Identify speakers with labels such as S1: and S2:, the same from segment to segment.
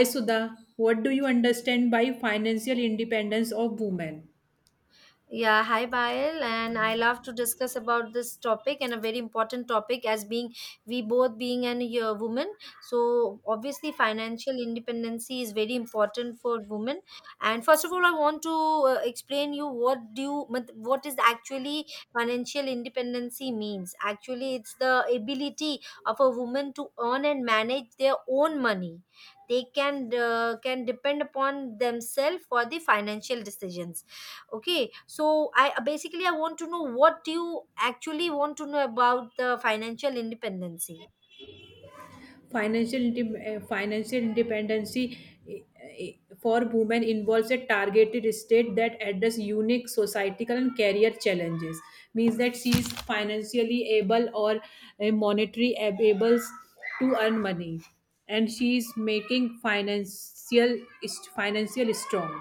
S1: Hi Sudha, what do you understand by financial independence of women?
S2: Yeah, hi Bail, and I love to discuss about this topic and a very important topic as being we both being an a woman. So obviously, financial independency is very important for women. And first of all, I want to explain you what do you what is actually financial independency means. Actually, it's the ability of a woman to earn and manage their own money. They can can depend upon themselves for the financial decisions. Okay, so I basically I want to know what do you actually want to know about the financial independency.
S1: Financial independence eh, for women involves a targeted state that address unique societal and career challenges. Means that she is financially able or monetary able to earn money, and she is making financial strong.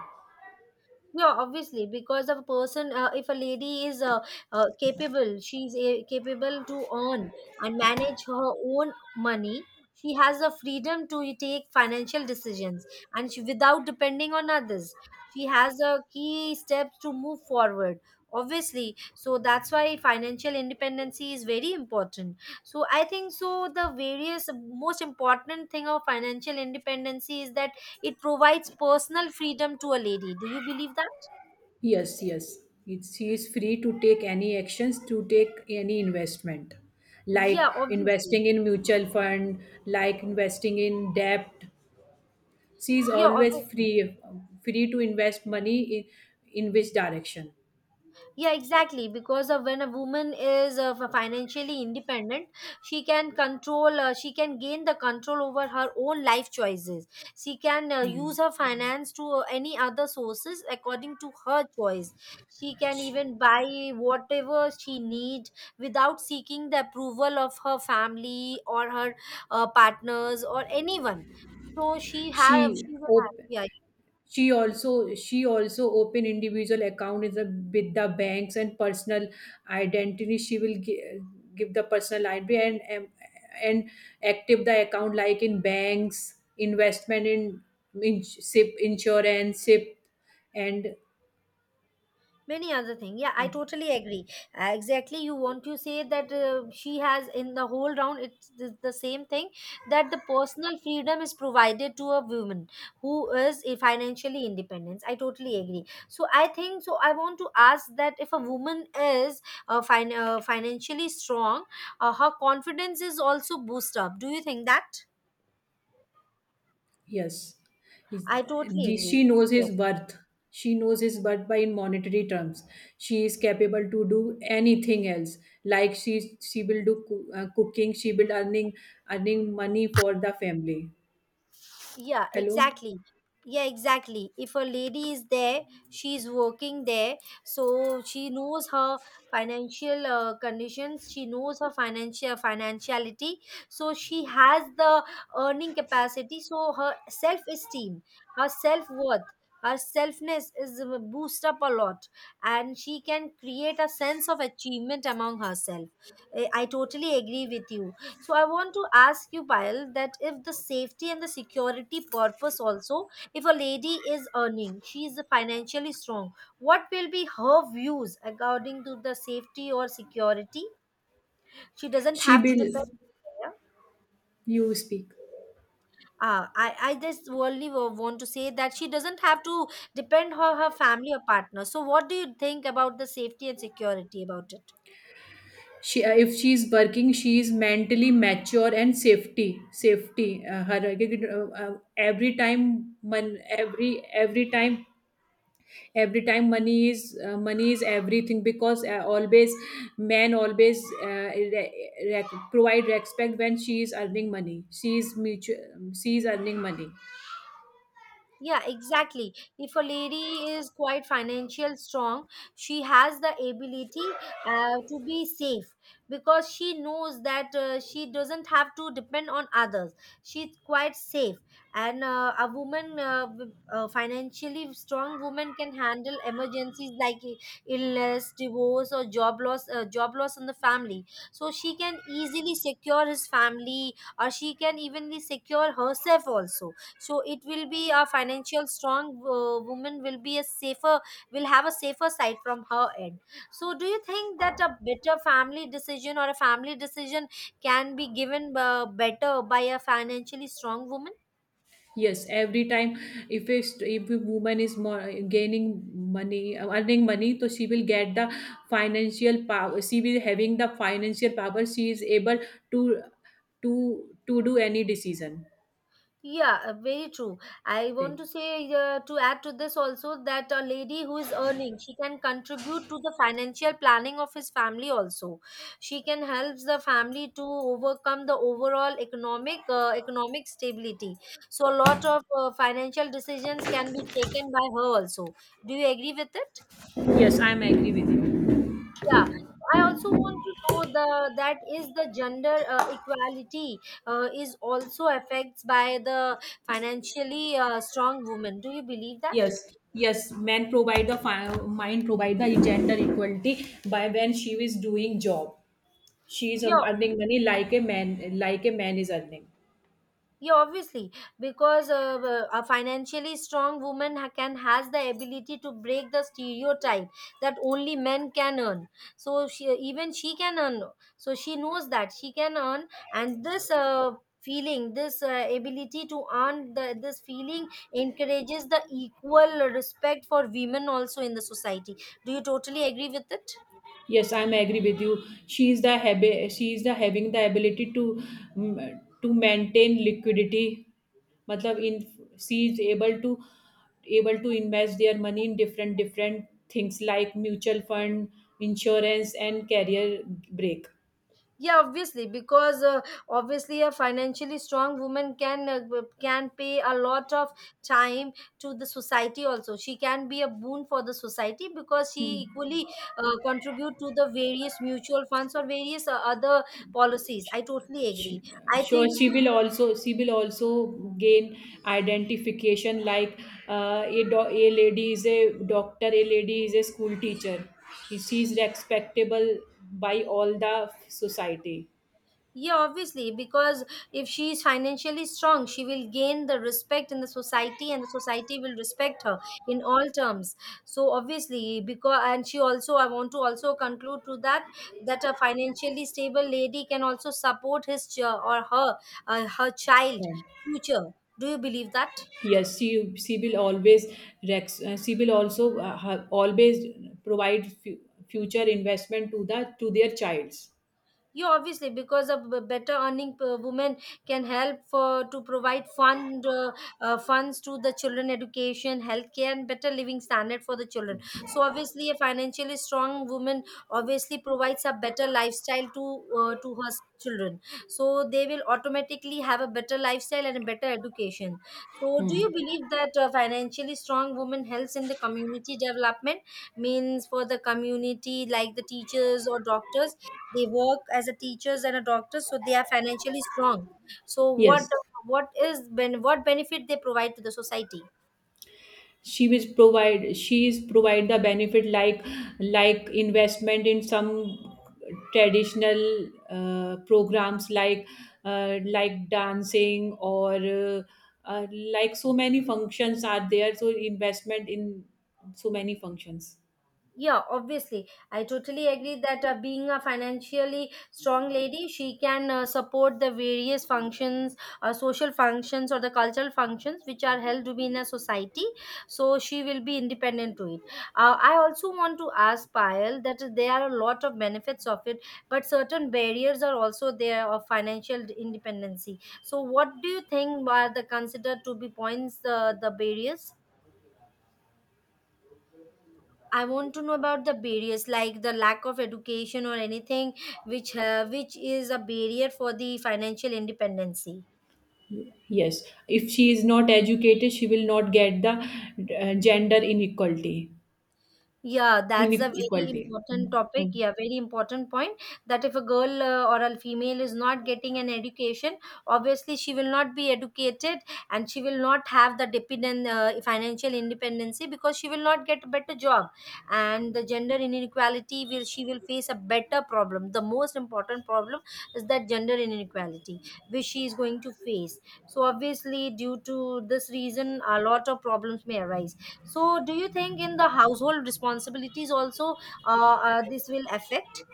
S2: Yeah, obviously, because of a person, if a lady is capable, she's capable to earn and manage her own money. She has the freedom to take financial decisions, and without depending on others, she has a key steps to move forward, obviously. So that's why financial independency is very important. So I think so the various most important thing of financial independency is that it provides personal freedom to a lady. Do you believe that?
S1: Yes, yes. It's, he is free to take any actions, to take any investment, like
S2: Yeah, obviously.
S1: investing in mutual fund, like investing in debt. She is
S2: Yeah,
S1: always
S2: obviously.
S1: free, free to invest money in which direction.
S2: Yeah, exactly. Because of when a woman is financially independent, she can control, she can gain the control over her own life choices. She can
S1: Hmm.
S2: use her finance to any other sources according to her choice. She can
S1: She,
S2: even buy whatever she needs without seeking the approval of her family or her partners or anyone. So
S1: she
S2: she will have,
S1: open.
S2: yeah,
S1: She also open individual account in the, with the banks and personal identity she will give, give the personal id and active the account like in banks investment in ship insurance ship and
S2: many other thing. Yeah, I totally agree. Exactly, you want to say that she has in the whole round it's the same thing that the personal freedom is provided to a woman who is a financially independent. I totally agree. So I think so I want to ask that if a woman is financially strong, her confidence is also boost up. Do you think that?
S1: yes, he's,
S2: I totally agree.
S1: she knows his worth. She knows his worth by in monetary terms. She is capable to do anything else. Like she will do cooking. She will earning money for the family.
S2: Yeah,
S1: Hello,
S2: exactly. Yeah, exactly. If a lady is there, she's working there, so she knows her financial conditions, she knows her financial financiality, so she has the earning capacity, so her self-esteem, her self-worth, her selfness is boost up a lot, and she can create a sense of achievement among herself. I totally agree with you. So I want to ask you, Payal, that if the safety and the security purpose also, if a lady is earning, she is financially strong, what will be her views according to the safety or security? She doesn't
S1: she
S2: have to
S1: will.
S2: depend. Yeah.
S1: You speak.
S2: I just only want to say that she doesn't have to depend on her family or partner. So what do you think about the safety and security about it?
S1: She if she is working, she is mentally mature and safety safety. Her every time man every time money is everything because always men always provide respect when she is earning money she is earning money.
S2: Yeah, exactly. If a lady is quite financial strong, she has the ability to be safe because she knows that she doesn't have to depend on others. She's quite safe, and a financially strong woman can handle emergencies like illness, divorce, or job loss in the family. So she can easily secure his family, or she can evenly secure herself also. So it will be a financial strong woman will be a safer, will have a safer side from her end. So do you think that a better family decision or a family decision can be given better by a financially strong woman?
S1: Yes, every time if if a woman is more gaining money earning money, so she will get the financial power. She will having the financial power. She is able to to do any decision.
S2: Yeah, very true. I
S1: Okay.
S2: want to say to add to this also that a lady who is earning, she can contribute to the financial planning of his family also. She can help the family to overcome the overall economic stability. So a lot of financial decisions can be taken by her also. Do you agree with it?
S1: Yes, I am agree with you.
S2: Yeah, I also want to know the that is the gender equality is also affects by the financially strong women. Do you believe that?
S1: Yes, yes, men provide the fi- mind provide the gender equality by when she is doing job. She is
S2: Yeah,
S1: earning money like a man is earning.
S2: yeah, obviously, because a financially strong woman ha- can has the ability to break the stereotype that only men can earn, so she even she can earn, so she knows that she can earn. And this feeling this ability to this feeling encourages the equal respect for women also in the society. Do you totally agree with it?
S1: Yes, I'm agree with you. She is the having the ability to to maintain liquidity. Matlab in she is able to able to invest their money in different different things like mutual fund, insurance, and career break.
S2: Yeah, obviously, because obviously a financially strong woman can can pay a lot of time to the society also. She can be a boon for the society because she equally contribute to the various mutual funds or various other policies. I totally agree.
S1: She,
S2: I
S1: sure,
S2: think so.
S1: she will also gain identification like a lady is a doctor, a lady is a school teacher. She is respectable by all the society.
S2: Yeah, obviously, because if she is financially strong, she will gain the respect in the society, and the society will respect her in all terms. So obviously, because and she also, I want to also conclude to that that a financially stable lady can also support his ch- or her her child
S1: Right.
S2: future. Do you believe that?
S1: Yes, she will always rex. She will also always provide future investment to the to their childs.
S2: Yeah, obviously, because a better earning woman can help for to provide funds to the children education, healthcare, and better living standard for the children. So obviously, a financially strong woman obviously provides a better lifestyle to children. So they will automatically have a better lifestyle and a better education. So do you believe that a financially strong woman helps in the community development means for the community like the teachers or doctors? They work as a teachers and a doctor, so they are financially strong. So what,
S1: Yes.
S2: what benefit they provide to the society?
S1: She is provide the benefit like investment in some traditional programs like dancing or like so many functions are there, so investment in so many functions.
S2: Yeah, obviously. I totally agree that being a financially strong lady, she can support the various functions, social functions, or the cultural functions which are held to be in a society. So she will be independent to it. I also want to ask Payal that there are a lot of benefits of it, but certain barriers are also there of financial independency. So, what do you think are the considered to be points, the barriers? I want to know about the barriers, like the lack of education or anything which is a barrier for the financial independency.
S1: Yes, if she is not educated, she will not get the gender inequality,
S2: Yeah, that's a very
S1: inequality.
S2: important topic.
S1: Mm-hmm.
S2: Yeah, very important point that if a girl or a female is not getting an education, obviously she will not be educated, and she will not have the dependent financial independency because she will not get a better job. And the gender inequality will she will face a better problem. The most important problem is that gender inequality which she is going to face. So obviously, due to this reason, a lot of problems may arise. So, do you think in the household responsibilities also this will affect?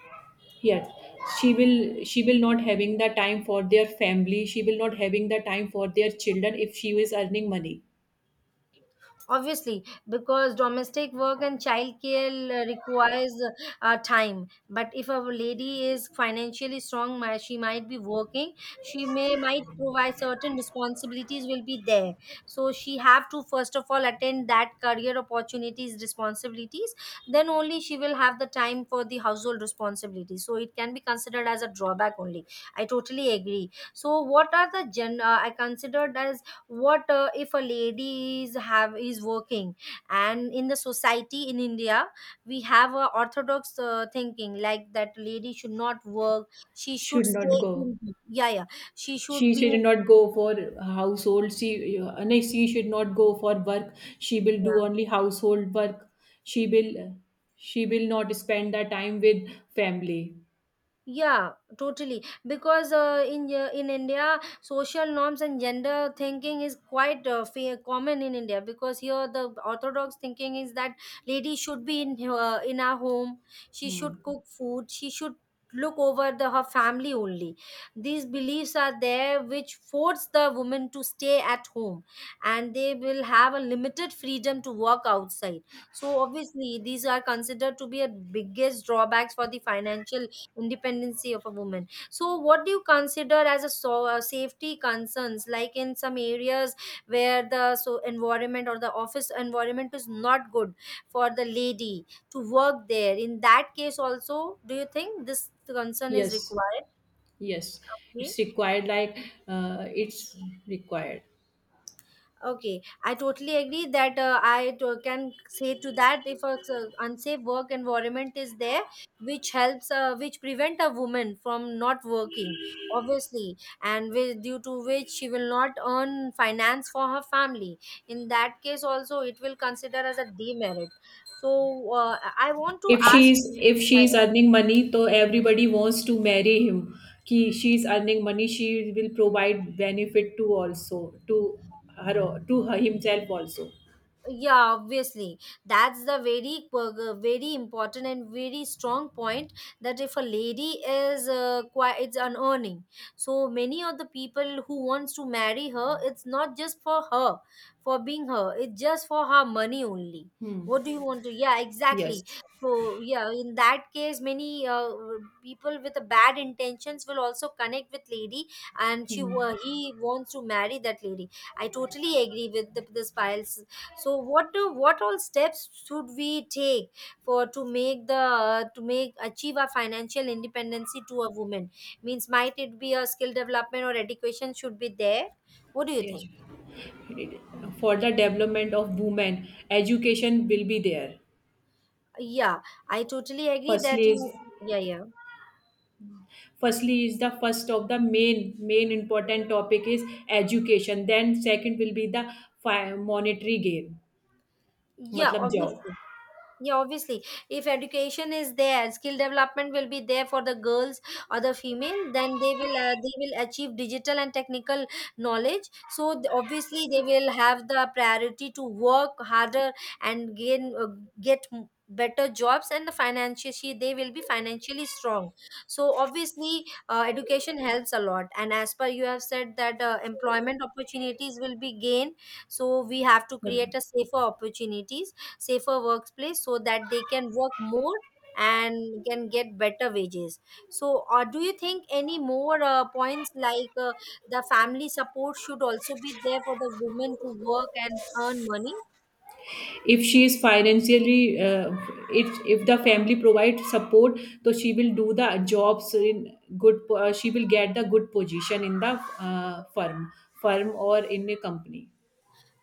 S1: Yes, she will not having the time for their family. She will not having the time for their children if she is earning money.
S2: Obviously, because domestic work and childcare requires time. But if a lady is financially strong, she might be working. She may might provide certain responsibilities will be there. So she have to first of all attend that career opportunities responsibilities. Then only she will have the time for the household responsibilities. So it can be considered as a drawback only. I totally agree. So what are the gen? I considered as what if a lady is have is working, and in the society in india, we have a orthodox thinking like that lady should not work, she should
S1: Should
S2: stay
S1: not go.
S2: in, yeah, yeah, she should
S1: She
S2: be,
S1: should not go for household. She no, she should not go for work. She will do
S2: yeah.
S1: only household work. She will she will not spend the time with family.
S2: Yeah, totally. Because in India, social norms and gender thinking is quite common in India. Because here, the orthodox thinking is that lady should be in her in our home. She should
S1: Hmm.
S2: cook food. She should look over the her family only. These beliefs are there, which force the woman to stay at home, and they will have a limited freedom to work outside. So obviously, these are considered to be a biggest drawbacks for the financial independency of a woman. So what do you consider as a so, safety concerns like in some areas where the so environment or the office environment is not good for the lady to work there, in that case also do you think this concern is
S1: Yes,
S2: required?
S1: yes, it's required. Like it's required.
S2: Okay, I totally agree that can say to that if a unsafe work environment is there, which helps, which prevent a woman from not working, obviously, and due to which she will not earn finance for her family. In that case, also it will consider as a demerit. So I want to
S1: If
S2: ask.
S1: she's if
S2: Yeah,
S1: she's earning money, so everybody wants to marry him. कि she's earning money, she will provide benefit to also to her himself also.
S2: yeah, obviously, that's the very very important and very strong point that if a lady is quite it's unearning, so many of the people who wants to marry her, it's not just for her, for being her, it's just for her money only.
S1: Hmm.
S2: What do you want to, yeah,
S1: Yes.
S2: exactly. So yeah, in that case, many people with a bad intentions will also connect with lady, and she
S1: Hmm.
S2: he wants to marry that lady. I totally agree with the Spile's. So what do what all steps should we take for to make the to make achieve a financial independency to a woman? Means might it be a skill development or education should be there? What do you
S1: Yes.
S2: think?
S1: For the development of women, education will be there.
S2: Yeah, I totally agree that
S1: firstly is
S2: you, yeah, yeah,
S1: Firstly is the first of the main important topic is education, then second will be the monetary gain.
S2: yeah,
S1: मतलब
S2: obviously. Yeah, obviously, if education is there, skill development will be there for the girls or the female. Then they will achieve digital and technical knowledge. So obviously, they will have the priority to work harder and gain better jobs, and the financially they will be financially strong. So obviously, education helps a lot. And as per you have said that employment opportunities will be gained. So we have to
S1: job.
S2: create a safer opportunities, safer workplace, so that they can work more and can get better wages. So or do you think any more points like the family support should also be there for the women to work and earn money?
S1: If she is financially if the family provides support, so she will do the jobs in she will get the good position in the firm or in a company.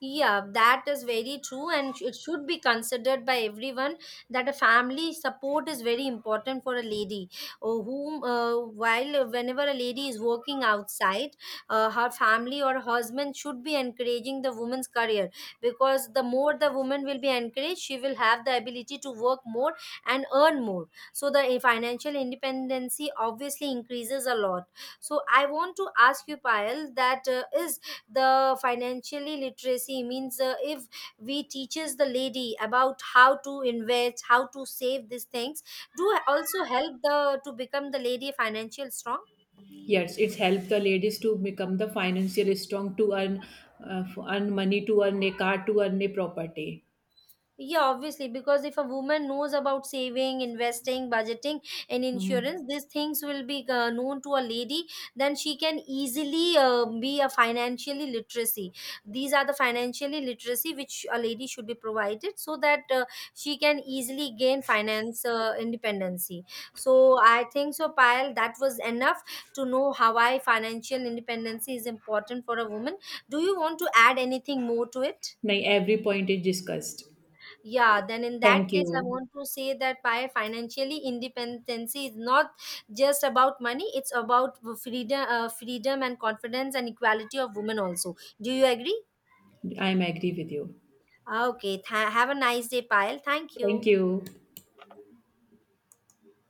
S2: Yeah, that is very true, and it should be considered by everyone that a family support is very important for a lady. Oh, whom, while whenever a lady is working outside, her family or husband should be encouraging the woman's career because the more the woman will be encouraged, she will have the ability to work more and earn more. So the financial independency obviously increases a lot. So I want to ask you, Payal, that is the financially literacy means if we teaches the lady about how to invest how to save these things do also help the to become the lady financial strong?
S1: Yes, it's helped the ladies to become the financially strong to earn earn money, to earn a car, to earn a property.
S2: Yeah, obviously, because if a woman knows about saving, investing, budgeting, and
S1: Mhm.
S2: insurance, these things will be known to a lady, then she can easily be a financially literacy. These are the financially literacy which a lady should be provided so that she can easily gain finance independency. So I think so, Payal, that was enough to know how I financial independency is important for a woman. Do you want to add anything more to it?
S1: Nahi, every point is discussed.
S2: Yeah, then in that
S1: Thank
S2: case, I
S1: you.
S2: want to say that by financially independence is not just about money; it's about freedom, freedom and confidence and equality of women also. Do you agree?
S1: I'm agree with you.
S2: Okay. Have a nice day, Payal. Thank you.
S1: Thank you.